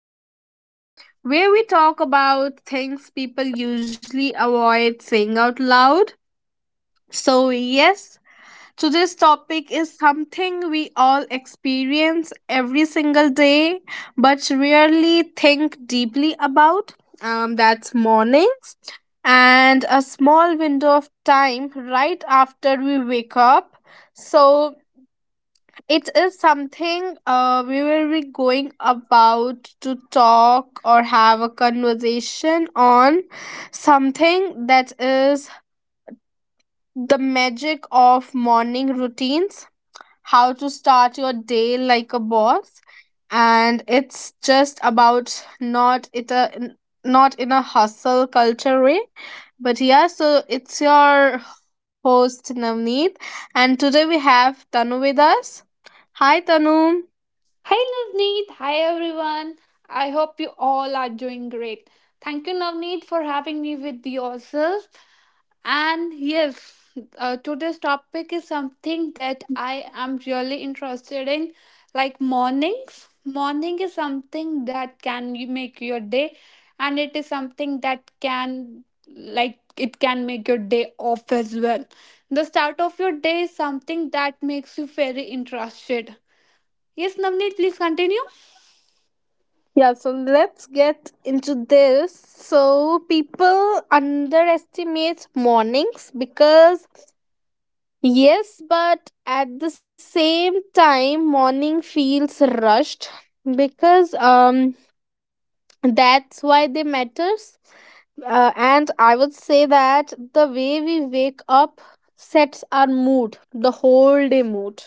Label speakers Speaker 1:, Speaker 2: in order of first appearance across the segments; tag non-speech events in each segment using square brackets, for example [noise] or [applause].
Speaker 1: Unfiltered Talks, where we talk about things people usually avoid saying out loud. So, yes, today's topic is something we all experience every single day, but rarely think deeply about. That's mornings and a small window of time right after we wake up. So, it is something we will be going about to talk or have a conversation on something that is the magic of morning routines, how to start your day like a boss. And it's just about not in a hustle culture way. But yeah, so it's your host Navneet, and today we have Tanu with us. Hi Tanu.
Speaker 2: Hi Navneet, hi everyone. I hope you all are doing great. Thank you Navneet for having me with yourself. And yes, today's topic is something that I am really interested in, like mornings. Morning is something that can you make your day, and it is something that can like it can make your day off as well. The start of your day is something that makes you very interested. Yes, Navneet, please continue.
Speaker 1: Yeah, so let's get into this. So, people underestimate mornings because, yes, but at the same time, morning feels rushed because that's why they matters. And I would say that the way we wake up sets our mood, the whole day mood.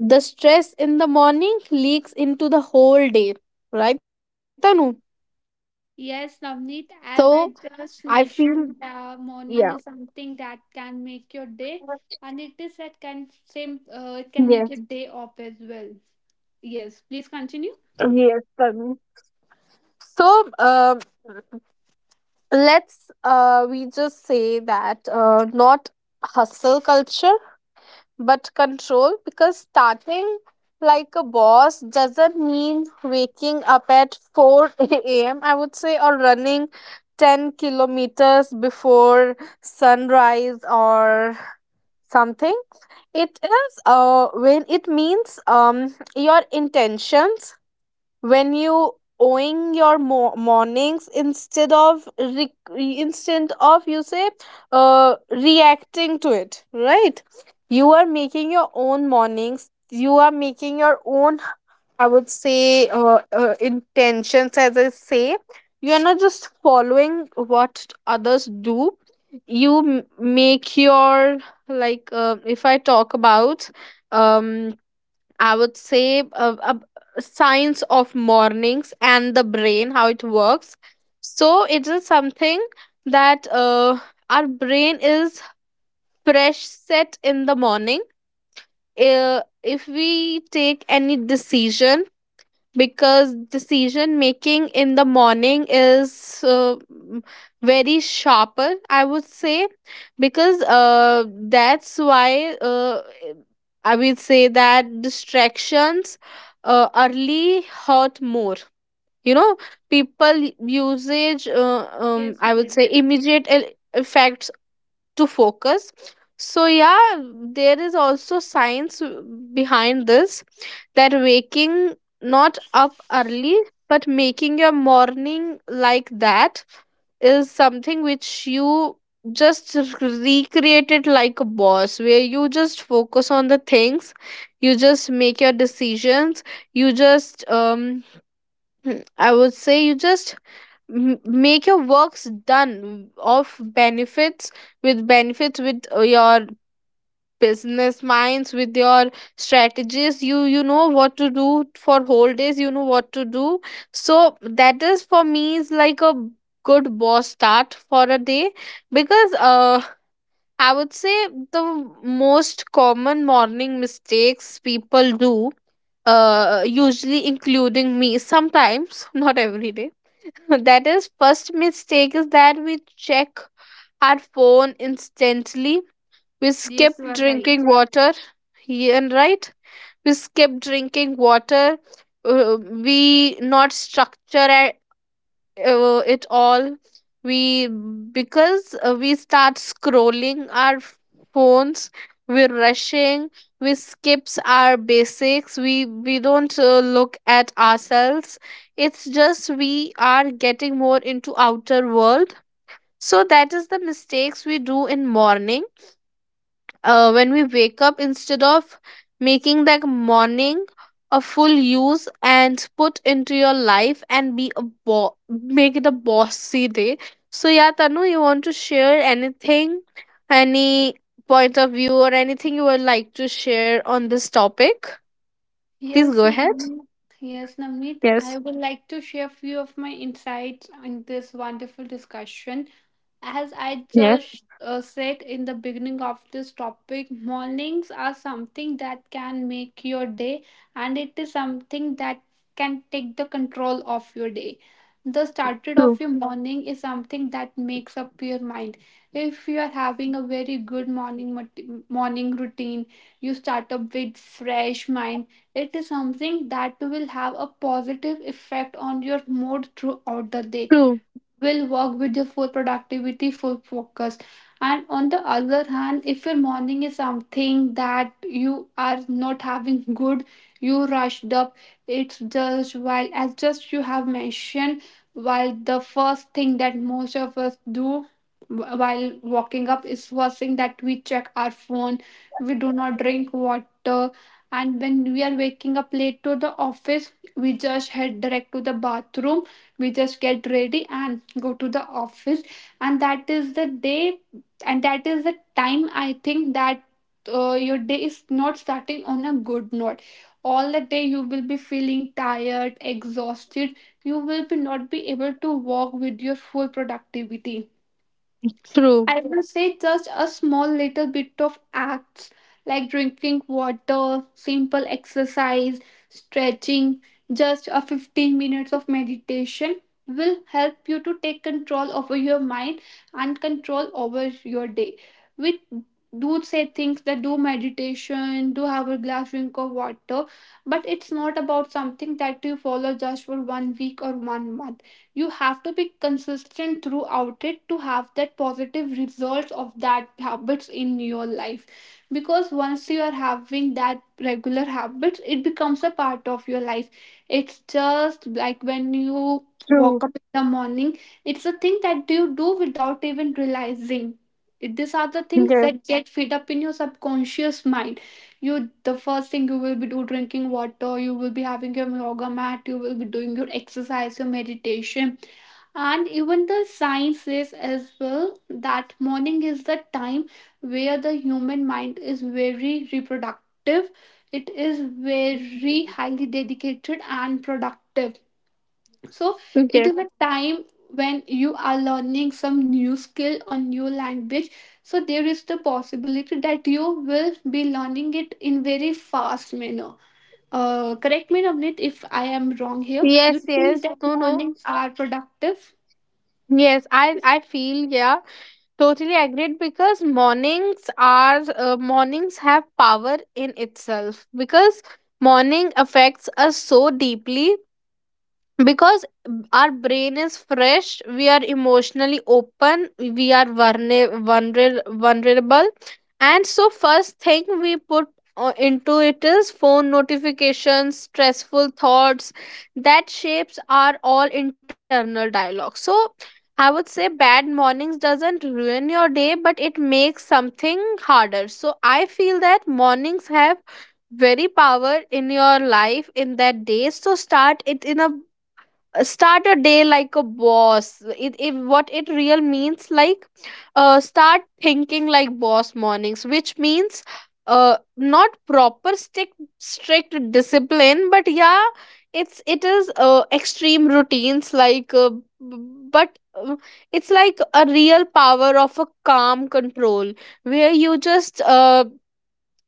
Speaker 1: The stress in the morning leaks into the whole day, right Tanu?
Speaker 2: Yes, Navneet, as I
Speaker 1: So
Speaker 2: just
Speaker 1: I feel.
Speaker 2: mentioned, the morning
Speaker 1: Yeah.
Speaker 2: is something that can make your day,
Speaker 1: Yes.
Speaker 2: and it is that can same it can make your day up as well. Yes, please continue.
Speaker 1: Yes, Tanvi. So let's we just say that not hustle culture but control, because starting like a boss doesn't mean waking up at 4 a.m. I would say, or running 10 kilometers before sunrise or something. It is when it means your intentions, when you owing your mornings instead of instead of, you say, reacting to it, right. You are making your own mornings, you are making your own, I would say intentions, as I say. You are not just following what others do. You make your, like, if I talk about, um I would say science of mornings and the brain, how it works. So it is something that our brain is fresh set in the morning. If we take any decision, because decision making in the morning is very sharper, I would say. Because that's why, I would say that distractions early hurt more, you know. People usage
Speaker 2: Yes,
Speaker 1: I would
Speaker 2: yes,
Speaker 1: say immediate effects to focus. So yeah, there is also science behind this, that waking not up early but making your morning like that is something which you just recreate it like a boss, where you just focus on the things, you just make your decisions, you just I would say, you just make your works done of benefits, with benefits, with your business minds, with your strategies. You know what to do for whole days, you know what to do. So that is for me is like a good boss start for a day. Because I would say the most common morning mistakes people do, usually including me sometimes [laughs] not every day [laughs] that is, first mistake is that we check our phone instantly, we skip
Speaker 2: yes, you are right.
Speaker 1: drinking water. Yeah, and right, we skip drinking water. uh, we not structure our, it all, we, because we start scrolling our phones. We're rushing, we skips our basics, we don't look at ourselves. It's just we are getting more into outer world. So that is the mistakes we do in morning, when we wake up instead of making that morning a full use and put into your life and be a make it a bossy day. So yeah Tanu, you want to share anything, any point of view or anything you would like to share on this topic? Please
Speaker 2: Yes,
Speaker 1: go ahead.
Speaker 2: Navneet. Yes, Navneet. I
Speaker 1: Yes,
Speaker 2: would like to share a few of my insights in this wonderful discussion. As I
Speaker 1: yes,
Speaker 2: just said in the beginning of this topic, mornings are something that can make your day, and it is something that can take the control of your day. The started
Speaker 1: true,
Speaker 2: of your morning is something that makes up your mind. If you are having a very good morning morning routine, you start up with fresh mind, it is something that will have a positive effect on your mood throughout the day,
Speaker 1: true,
Speaker 2: will work with your full productivity, full focus. And on the other hand, if your morning is something that you are not having good, you rushed up, it's just while, as just you have mentioned, while the first thing that most of us do while waking up is first thing that we check our phone, we do not drink water, and when we are waking up late to the office, we just head direct to the bathroom, we just get ready and go to the office, and that is the day, and that is the time I think that, your day is not starting on a good note. All the day you will be feeling tired, exhausted. You will be not be able to work with your full productivity.
Speaker 1: true,
Speaker 2: I will say just a small little bit of acts like drinking water, simple exercise, stretching, just a 15 minutes of meditation will help you to take control over your mind and control over your day. We do say things that do meditation, do have a glass drink of water, but it's not about something that you follow just for 1 week or 1 month. You have to be consistent throughout it to have that positive results of that habits in your life, because once you are having that regular habits, it becomes a part of your life. It's just like when you
Speaker 1: true.
Speaker 2: walk up in the morning, it's a thing that you do without even realizing. These are the things
Speaker 1: Yes,
Speaker 2: that get fed up in your subconscious mind. You, the first thing you will be do drinking water, you will be having your yoga mat, you will be doing your exercise, your meditation. And even the science says as well that morning is the time where the human mind is very reproductive. It is very highly dedicated and productive. So it
Speaker 1: yes,
Speaker 2: is a time when you are learning some new skill or new language. So there is the possibility that you will be learning it in very fast manner. Correct me, Navneet, if I am wrong here. You
Speaker 1: yes, yes,
Speaker 2: think that
Speaker 1: no, no,
Speaker 2: mornings are productive?
Speaker 1: yes, I feel, yeah. Totally agreed, because mornings are, mornings have power in itself, because morning affects us so deeply. Because our brain is fresh, we are emotionally open, we are vulnerable. And so first thing we put into it is phone notifications, stressful thoughts, that shapes our all internal dialogue. So I would say bad mornings doesn't ruin your day, but it makes something harder. So I feel that mornings have very power in your life, in that day. So start it in a, start a day like a boss. It what it real means, like, start thinking like boss mornings, which means not proper strict discipline, but yeah. It is extreme routines like, b- but it's like a real power of a calm control, where you just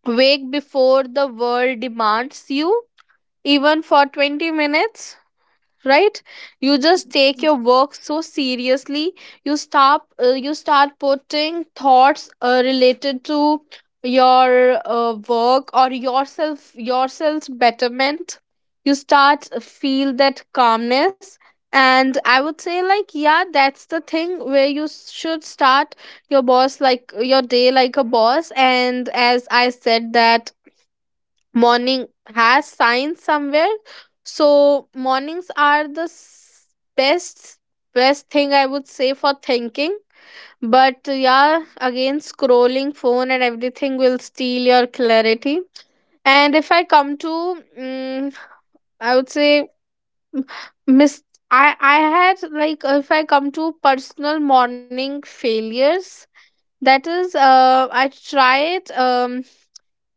Speaker 1: wake before the world demands you, even for 20 minutes, right? You just take your work so seriously, you stop, you start putting thoughts related to your work or yourself, yourself's betterment. You start feel that calmness. And I would say, like, yeah, that's the thing where you should start your boss, like your day like a boss. And as I said, that morning has science somewhere. So mornings are the best best thing, I would say, for thinking. But yeah, again, scrolling phone and everything will steal your clarity. And if I come to, mm I would say, m- miss I had, like, if I come to personal morning failures. That is I tried, um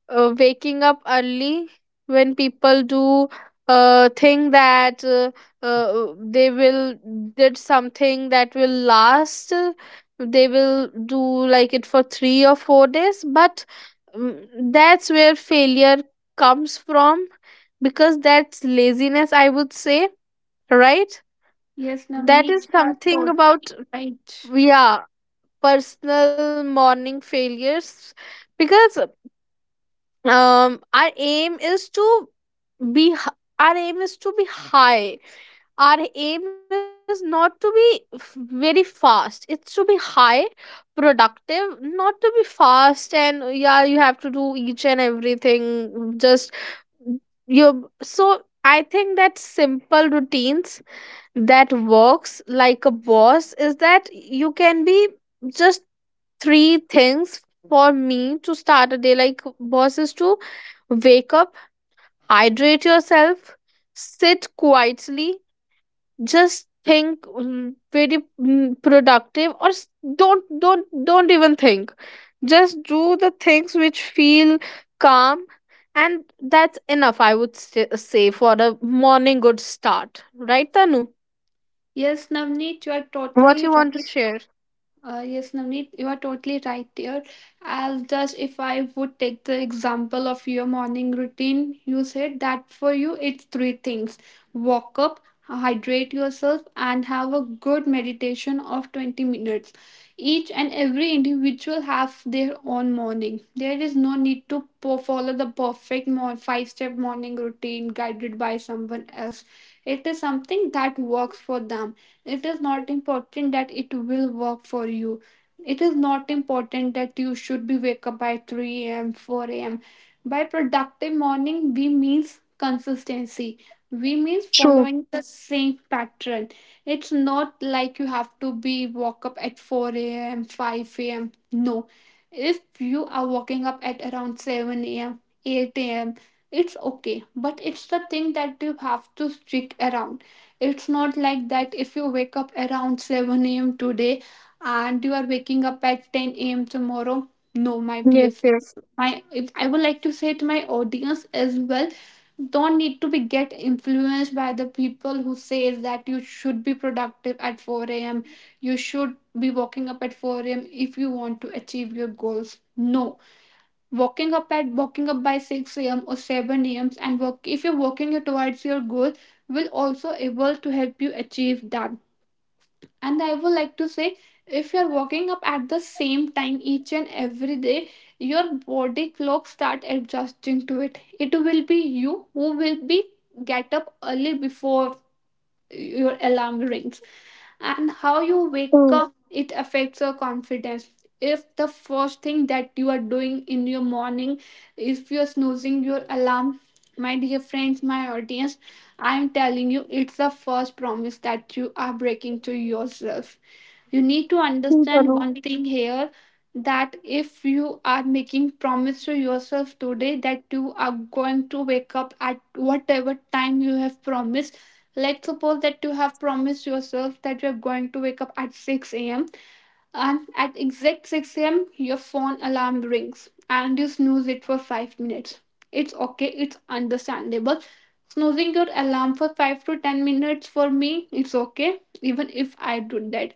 Speaker 1: uh, waking up early, when people do think that they will did something that will last, they will do like it for 3 or 4 days. But mm, that's where failure comes from, because that's laziness, I would say, right.
Speaker 2: Yes,
Speaker 1: That is
Speaker 2: Navneet, you are
Speaker 1: something
Speaker 2: totally
Speaker 1: about,
Speaker 2: right.
Speaker 1: yeah, personal morning failures. Because our aim is to be h- our aim is to be high. Our aim is not to be very fast, it's to be high productive, not to be fast. And yeah, you have to do each and everything, just you. So I think that simple routines that works like a boss is that you can be, just three things. For me, to start a day like boss is to wake up, hydrate yourself, sit quietly, just think, very, productive, or don't even think, just do the things which feel calm. And that's enough, I would say, for a morning good start, right Tanu?
Speaker 2: Yes, Navneet, you are
Speaker 1: What you
Speaker 2: totally
Speaker 1: want to
Speaker 2: right.
Speaker 1: share?
Speaker 2: Yes, Navneet, you are totally right there. As just if I would take the example of your morning routine, you said that for you it's three things: walk up, hydrate yourself, and have a good meditation of 20 minutes. Each and every individual have their own morning. There is no need to follow the perfect five step morning routine guided by someone else. It is something that works for them, it is not important that it will work for you. It is not important that you should be wake up by 3 a.m., 4 a.m. By productive morning, we means consistency. We means
Speaker 1: True.
Speaker 2: following the same pattern. It's not like you have to be woke up at 4 a.m., 5 a.m. No. If you are waking up at around 7 a.m., 8 a.m., it's okay. But it's the thing that you have to stick around. It's not like that if you wake up around 7 a.m. today and you are waking up at 10 a.m. tomorrow. No, my dear
Speaker 1: Yes,
Speaker 2: friend.
Speaker 1: yes.
Speaker 2: My, if I would like to say to my audience as well, don't need to be get influenced by the people who says that you should be productive at 4 a.m. You should be waking up at 4 a.m. if you want to achieve your goals. No, waking up at waking up by 6 a.m or 7 a.m and work, if you're working you towards your goal, will also able to help you achieve that. And I would like to say, if you're waking up at the same time each and every day, your body clock start adjusting to it. It will be you who will be get up early before your alarm rings. And how you wake
Speaker 1: True.
Speaker 2: up, it affects your confidence. If the first thing that you are doing in your morning, if you're snoozing your alarm, my dear friends, my audience, I am telling you, it's the first promise that you are breaking to yourself. You need to
Speaker 1: True,
Speaker 2: understand
Speaker 1: Tanu.
Speaker 2: one thing here, that if you are making promise to yourself today that you are going to wake up at whatever time you have promised. Let's suppose that you have promised yourself that you're going to wake up at 6 a.m. and at exact 6 a.m. your phone alarm rings and you snooze it for 5 minutes. It's okay, it's understandable. Snoozing your alarm for 5 to 10 minutes for me, it's okay, even if I do that.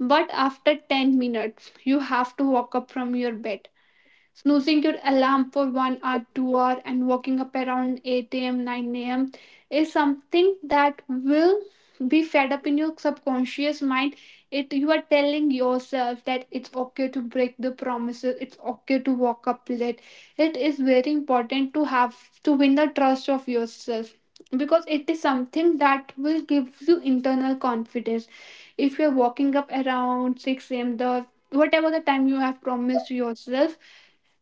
Speaker 2: But after 10 minutes, you have to walk up from your bed. Snoozing your alarm for 1 hour, 2 hour and waking up around 8 a.m., 9 a.m. is something that will be fed up in your subconscious mind. It, you are telling yourself that it's okay to break the promises, it's okay to walk up late. It is very important to have, to win the trust of yourself, because it is something that will give you internal confidence. If you're walking up around 6 a.m, the whatever the time you have promised yourself,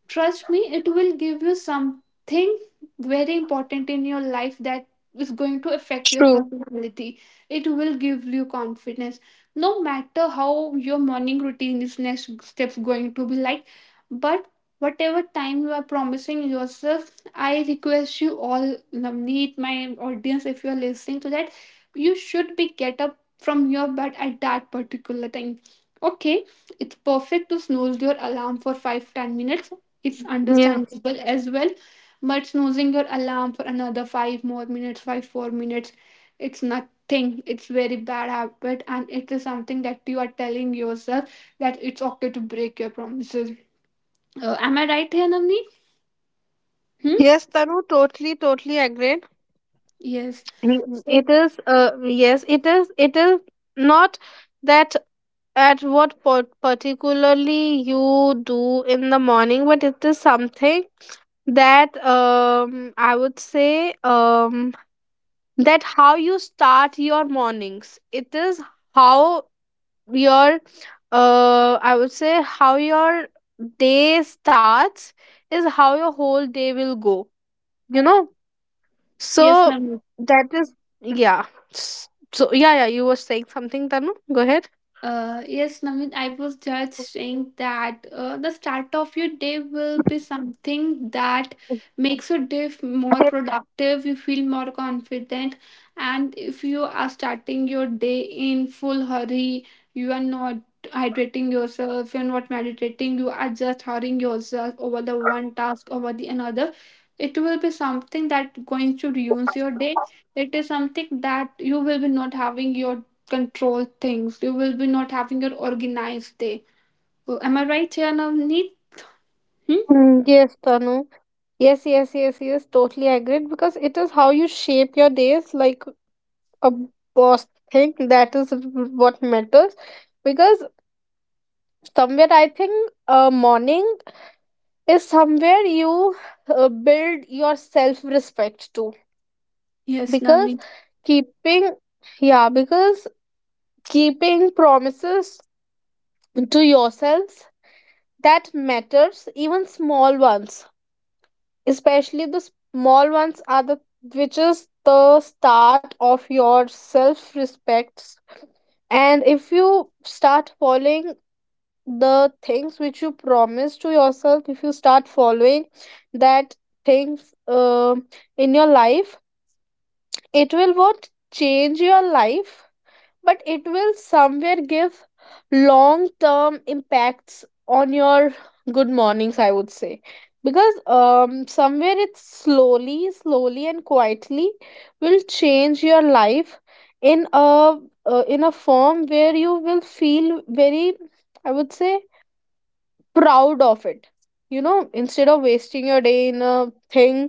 Speaker 2: trust me, it will give you something very important in your life that is going to affect your
Speaker 1: True.
Speaker 2: personality. It will give you confidence. No matter how your morning routine is next steps going to be like, but whatever time you are promising yourself, I request you all, Navneet, my audience, if you are listening to that, you should be get up from your bed at that particular time. Okay, it's perfect to snooze your alarm for 5 10 minutes, it's
Speaker 1: Yeah.
Speaker 2: understandable as well. But snoozing your alarm for another five more minutes, 5 4 minutes, it's nothing. It's very bad habit, and it is something that you are telling yourself that it's okay to break your promises. Am I right here, Namni? Hmm?
Speaker 1: Yes, Tanu, totally, totally agreed.
Speaker 2: Yes. So
Speaker 1: It is, yes, it is not that at what part particularly you do in the morning, but it is something that, I would say, that how you start your mornings. It is how your, I would say how your day starts is how your whole day will go, you know.
Speaker 2: yes,
Speaker 1: So
Speaker 2: Namni.
Speaker 1: that is, yeah. S- so yeah, yeah, you were saying something, Tanu. Go ahead.
Speaker 2: Yes, Naveen, I was just
Speaker 1: [laughs]
Speaker 2: saying that the start of your day will be something that makes your day more
Speaker 1: Yes.
Speaker 2: productive. You feel more confident, and if you are starting your day in full hurry, you are not hydrating yourself, you're not meditating, you are just hurrying yourself over the one task over the another. It will be something that going to ruin your day. It is something that you will be not having your control things. You will be not having your organized day. So am I right here, Navneet? Hmm?
Speaker 1: Yes, Tanu. Yes, yes, yes, yes. Totally agreed, because it is how you shape your days, like a boss thing. That is what matters. Because somewhere I think morning is somewhere you build your self respect too.
Speaker 2: Yes,
Speaker 1: Because
Speaker 2: Navneet.
Speaker 1: keeping, yeah, because keeping promises to yourselves, that matters, even small ones, especially the small ones are the, which is the start of your self respect. And if you start following the things which you promise to yourself, if you start following that things, in your life, it will what change your life, but it will somewhere give long term impacts on your good mornings, I would say. Because somewhere it slowly, slowly and quietly will change your life in a, in a form where you will feel very, I would say, proud of it. You know, instead of wasting your day in a thing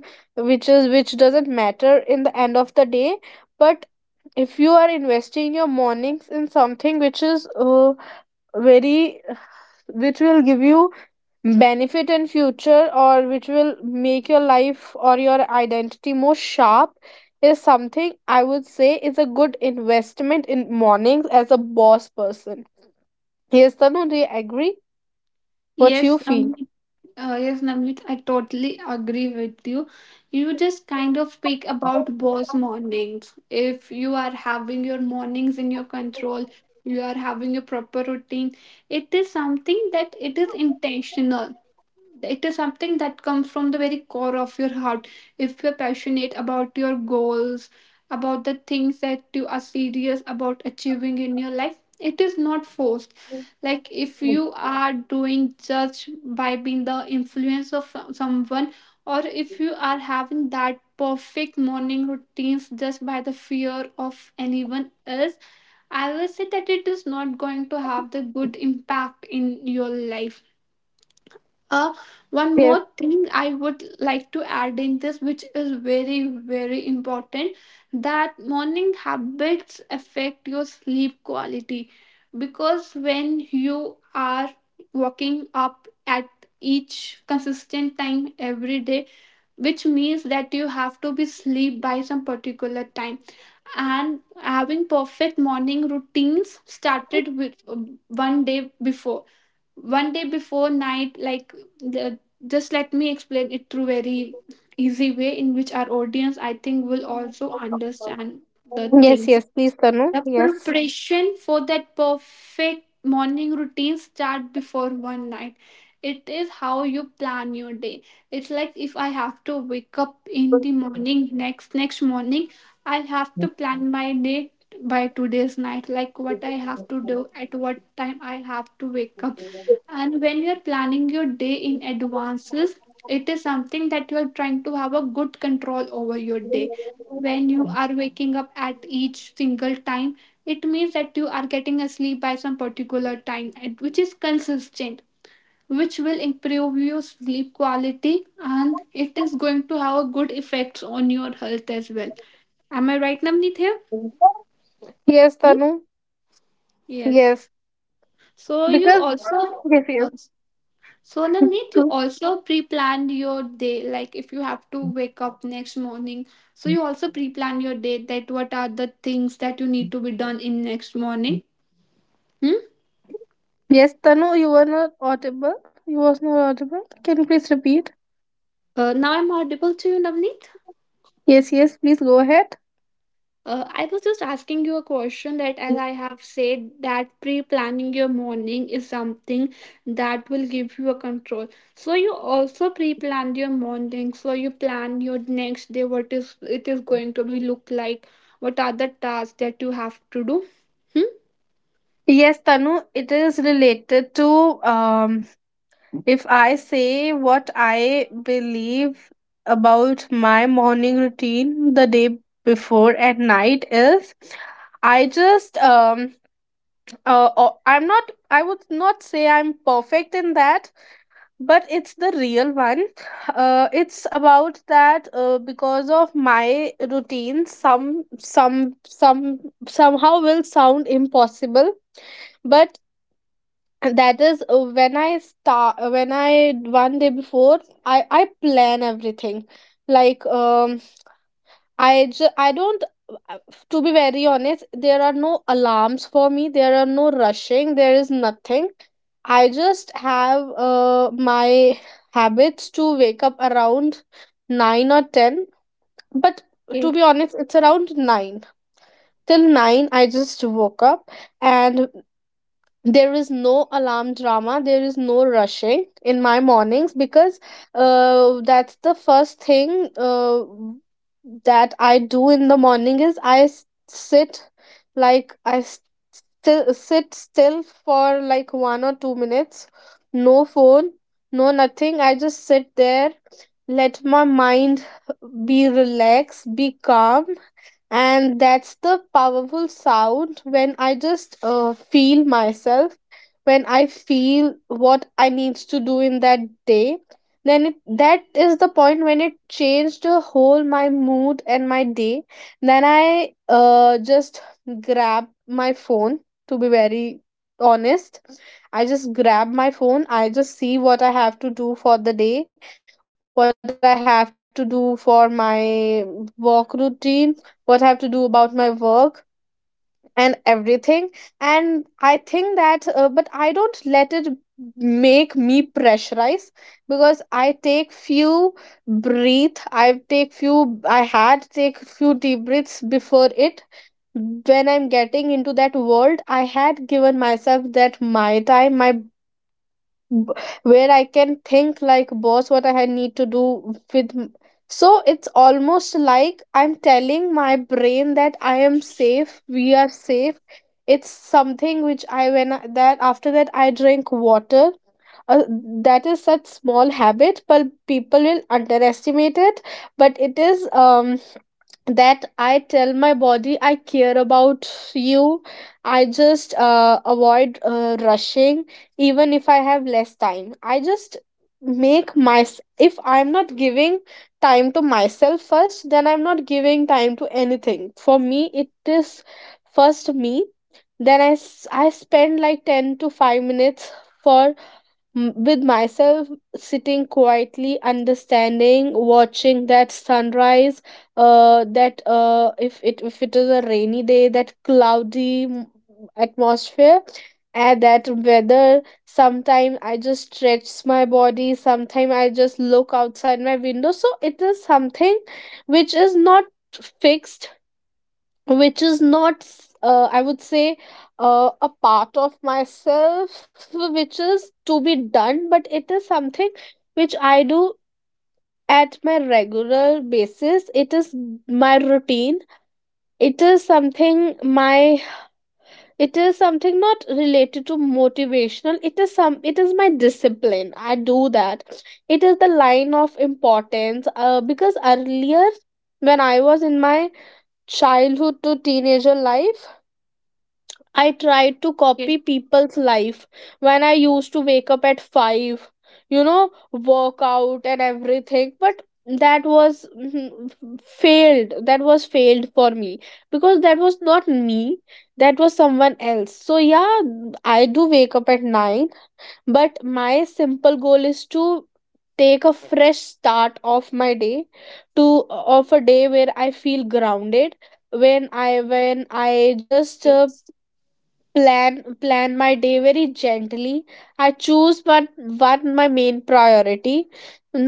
Speaker 1: which is, which doesn't matter, in the end of the day. But if you are investing your mornings in something which is very, which will give you benefit in future, or which will make your life or your identity more sharp, is something, I would say, is a good investment in mornings as a boss person. Yes Tanu, do you agree? What you
Speaker 2: Yes,
Speaker 1: feel?
Speaker 2: Navneet. Yes, Namit, I totally agree with you. You just kind of speak about boss mornings. If you are having your mornings in your control, you are having a proper routine. It is something that it is intentional. It is something that comes from the very core of your heart. If you're passionate about your goals, about the things that you are serious about achieving in your life, it is not forced, like if you are doing just by being the influence of someone, or if you are having that perfect morning routines just by the fear of anyone else. I will say that it is not going to have the good impact in your life. uh, One
Speaker 1: Yes.
Speaker 2: more thing I would like to add in this, which is very very important, that morning habits affect your sleep quality. Because when you are waking up at each consistent time every day, which means that you have to be sleep by some particular time. And having perfect morning routines started with 1 day before, 1 day before night, like the, just let me explain it through very easy way in which our audience I think will also understand the
Speaker 1: Yes,
Speaker 2: things.
Speaker 1: yes, please Tanu.
Speaker 2: The
Speaker 1: Yes.
Speaker 2: preparation for that perfect morning routine start before one night. It is how you plan your day. It's like if I have to wake up in the morning, next morning, I'll have to plan my day by today's night, like what I have to do, at what time I have to wake up. And when you're planning your day in advances, it is something that you are trying to have a good control over your day. When you are waking up at each single time, it means that you are getting a sleep by some particular time and which is consistent, which will improve your sleep quality and it is going to have a good effects on your health as well. Am I right, Namneet, here?
Speaker 1: Yes
Speaker 2: Hmm?
Speaker 1: Tanu.
Speaker 2: Yes,
Speaker 1: Yes.
Speaker 2: so you
Speaker 1: Because,
Speaker 2: also.
Speaker 1: yes,
Speaker 2: Yes. So,
Speaker 1: yes.
Speaker 2: Namneet, you
Speaker 1: [laughs]
Speaker 2: also pre-plan your day, like if you have to wake up next morning, so you also pre-plan your day, that what are the things that you need to be done in next morning. Hmm?
Speaker 1: Yes, Tanu, you were not audible. You was not audible. Can you please repeat?
Speaker 2: Now I'm audible to you, Navneet.
Speaker 1: Yes, yes, please go ahead.
Speaker 2: I was just asking you a question that, as I have said, that pre planning your morning is something that will give you a control. So, you also pre planned your morning. So, you plan your next day, what is it is going to be look like, what are the tasks that you have to do. Hmm?
Speaker 1: Yes, Tanu, it is related to, if I say what I believe about my morning routine, the day before at night is, I just, I'm not, I would not say I'm perfect in that, but it's the real one. It's about that because of my routine, somehow will sound impossible. But that is when I start, when I, one day before, I plan everything. Like, I don't, uh, to be very honest, there are no alarms for me, there are no rushing, there is nothing. I just have my habits to wake up around 9 or 10. But to
Speaker 2: Okay.
Speaker 1: be honest, it's around 9. Till 9, I just woke up and there is no alarm drama. There is no rushing in my mornings because that's the first thing, that I do in the morning is sit, like still sit still for like 1 or 2 minutes. No phone, no nothing, I just sit there, let my mind be relaxed, be calm. And that's the powerful sound, when I just feel myself, when I feel what I needs to do in that day. Then, that is the point when it changed the whole my mood and my day. Then I just grab my phone. To be very honest, I just grab my phone, I just see what I have to do for the day, what I have to do for my work routine, what I have to do about my work and everything. And I think that, but I don't let it make me pressurize because I take few breathe, I take few, I had take few deep breaths before it. When I'm getting into that world I had given myself that, my time, my b- where I can think like boss what I need to do with so it's almost like I'm telling my brain that I am safe, we are safe. It's something which I when I, that after that I drink water. uh, that is such small habit but people will underestimate it. But it is that I tell my body I care about you. I just avoid rushing, even if I have less time. I just make my, if I'm not giving time to myself first, then I'm not giving time to anything. For me, it is first me. Then I spend like 10 to 5 minutes for with myself, sitting quietly, understanding, watching that sunrise, that, if it is a rainy day, that cloudy atmosphere and that weather. Sometimes I just stretch my body, sometimes I just look outside my window. So it is something which is not fixed, which is not I would say, a part of myself, which is to be done, but it is something which I do at my regular basis. It is my routine. It is something my, it is something not related to motivational. It is some it is my discipline, I do that. It is the line of importance, because earlier when I was in my childhood to teenager life I tried to copy people's life when I used to wake up at 5, work out and everything. But that was failed. That was failed for me because that was not me. That was someone else. So, yeah, I do wake up at 9, but my simple goal is to take a fresh start of my day, to of a day where I feel grounded when I just
Speaker 2: Okay.
Speaker 1: plan plan my day very gently. I choose one, my main priority.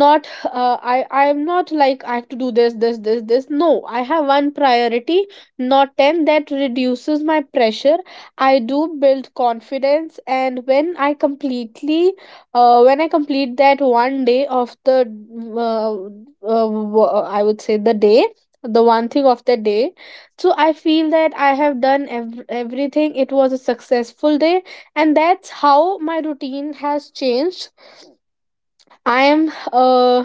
Speaker 1: Not, I am not like I have to do this, this, this, this. No, I have one priority, not 10. That reduces my pressure, I do build confidence. And when I completely when I complete that one day of the, uh, uh, I would say, the day, the one thing of the day, so I feel that I have done everything, it was a successful day. And that's how my routine has changed. I am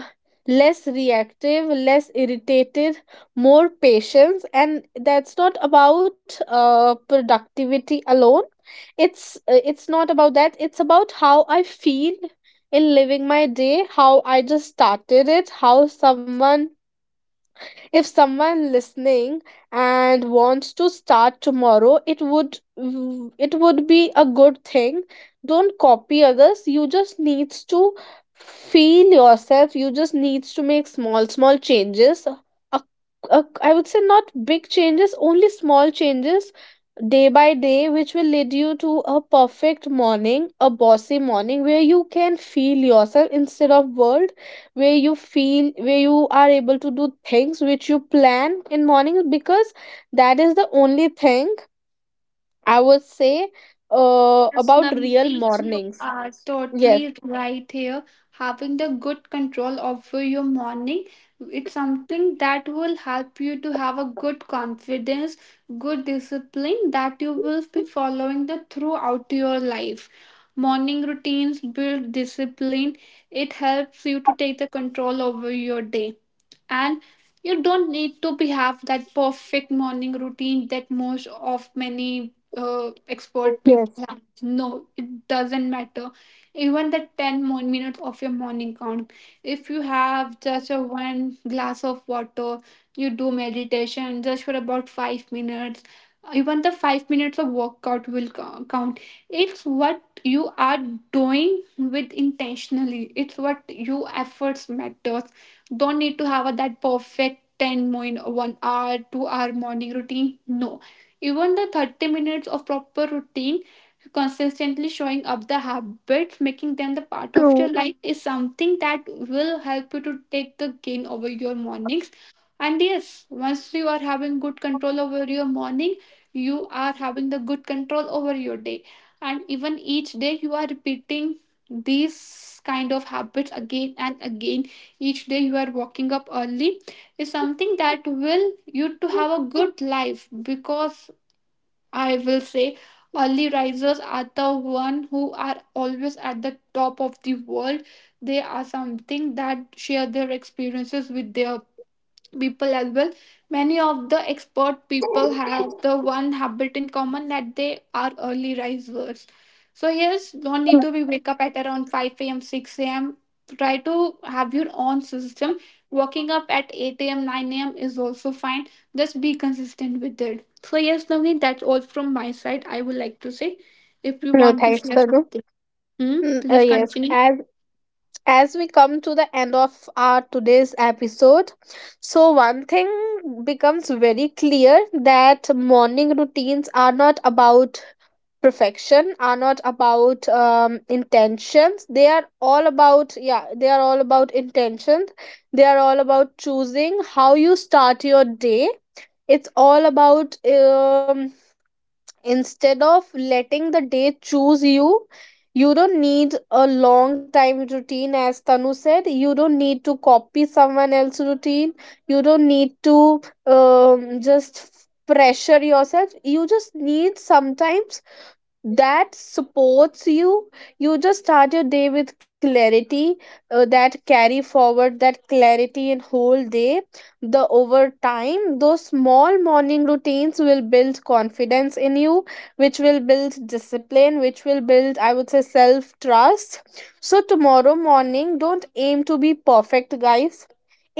Speaker 1: less reactive, less irritated, more patience. And that's not about productivity alone. It's, it's not about that, it's about how I feel in living my day, how I just started it. How someone if someone listening and wants to start tomorrow, it would be a good thing. Don't copy others. You just needs to feel yourself. You just needs to make small small changes. A, I would say not big changes, only small changes day by day, which will lead you to a perfect morning, a bossy morning where you can feel yourself instead of world, where you are able to do things which you plan in morning. Because that is the only thing I would say,
Speaker 2: Yes,
Speaker 1: about real
Speaker 2: Navneet, you
Speaker 1: mornings.
Speaker 2: are
Speaker 1: Yes,
Speaker 2: totally right here. Having the good control over your morning, it's something that will help you to have a good confidence, good discipline that you will be following the throughout your life. Morning routines build discipline. It helps you to take the control over your day, and you don't need to be have that perfect morning routine that most of many expert
Speaker 1: yes.
Speaker 2: people have. No, it doesn't matter, even the 10 more minutes of your morning count. If you have just a one glass of water, you do meditation just for about 5 minutes, even the 5 minutes of workout will count. It's what you are doing with intentionally, it's what your efforts matter. Don't need to have a, that perfect 10 1 hour 2-hour morning routine, no. Even the 30 minutes of proper routine, consistently showing up the habits, making them the part of your
Speaker 1: True,
Speaker 2: life, is something that will help you to take the gain over your mornings. And yes, once you are having good control over your morning, you are having the good control over your day, and even each day you are repeating these kind of habits again and again, each day you are waking up early is something that will you to have a good life. Because I will say, early risers are the one who are always at the top of the world. They are something that share their experiences with their people as well. Many of the expert people have the one habit in common, that they are early risers. So yes, don't need
Speaker 1: true.
Speaker 2: to be wake up at around 5 a.m 6 a.m, try to have your own system. Waking up at 8 a.m 9 a.m is also fine, just be consistent with it. So yes, Navneet, that's all from my side I would like to say. If you
Speaker 1: No,
Speaker 2: want to
Speaker 1: thanks,
Speaker 2: share
Speaker 1: Tanu.
Speaker 2: something. Hmm,
Speaker 1: Mm,
Speaker 2: please
Speaker 1: yes,
Speaker 2: continue.
Speaker 1: as we come to the end of our today's episode. So one thing becomes very clear, that morning routines are not about perfection, are not about intentions. They are all about, yeah, they are all about intentions. They are all about choosing how you start your day. It's all about, instead of letting the day choose you, you don't need a long time routine, as Tanu said. You don't need to copy someone else's routine. You don't need to just pressure yourself. You just need sometimes that supports you. You just start your day with clarity, that carry forward that clarity in whole day. The over time, those small morning routines will build confidence in you, which will build discipline, which will build, I would say, self trust. So tomorrow morning, don't aim to be perfect, guys.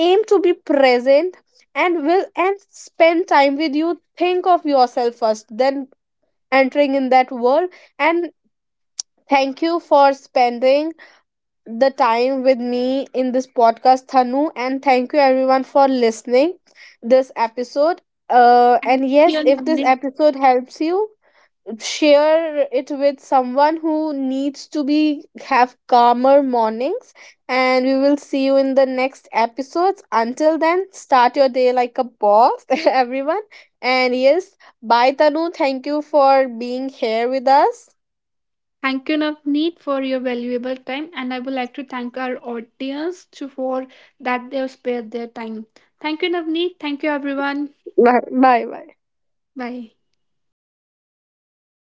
Speaker 1: Aim to be present, and will, and spend time with you, think of yourself first, then entering in that world. And thank you for spending the time with me in this podcast, Thanu, and thank you everyone for listening this episode.
Speaker 2: Thank
Speaker 1: And yes,
Speaker 2: you,
Speaker 1: if this
Speaker 2: Navneet.
Speaker 1: episode helps you, share it with someone who needs to be have calmer mornings. And we will see you in the next episodes, until then start your day like a boss [laughs] everyone. And yes, bye Tanu, thank you for being here with us.
Speaker 2: Thank you, Navneet, for your valuable time, and I would like to thank our audience too for that they've spared their time. Thank you, Navneet. Thank you, everyone.
Speaker 1: Bye bye, bye.
Speaker 2: Bye.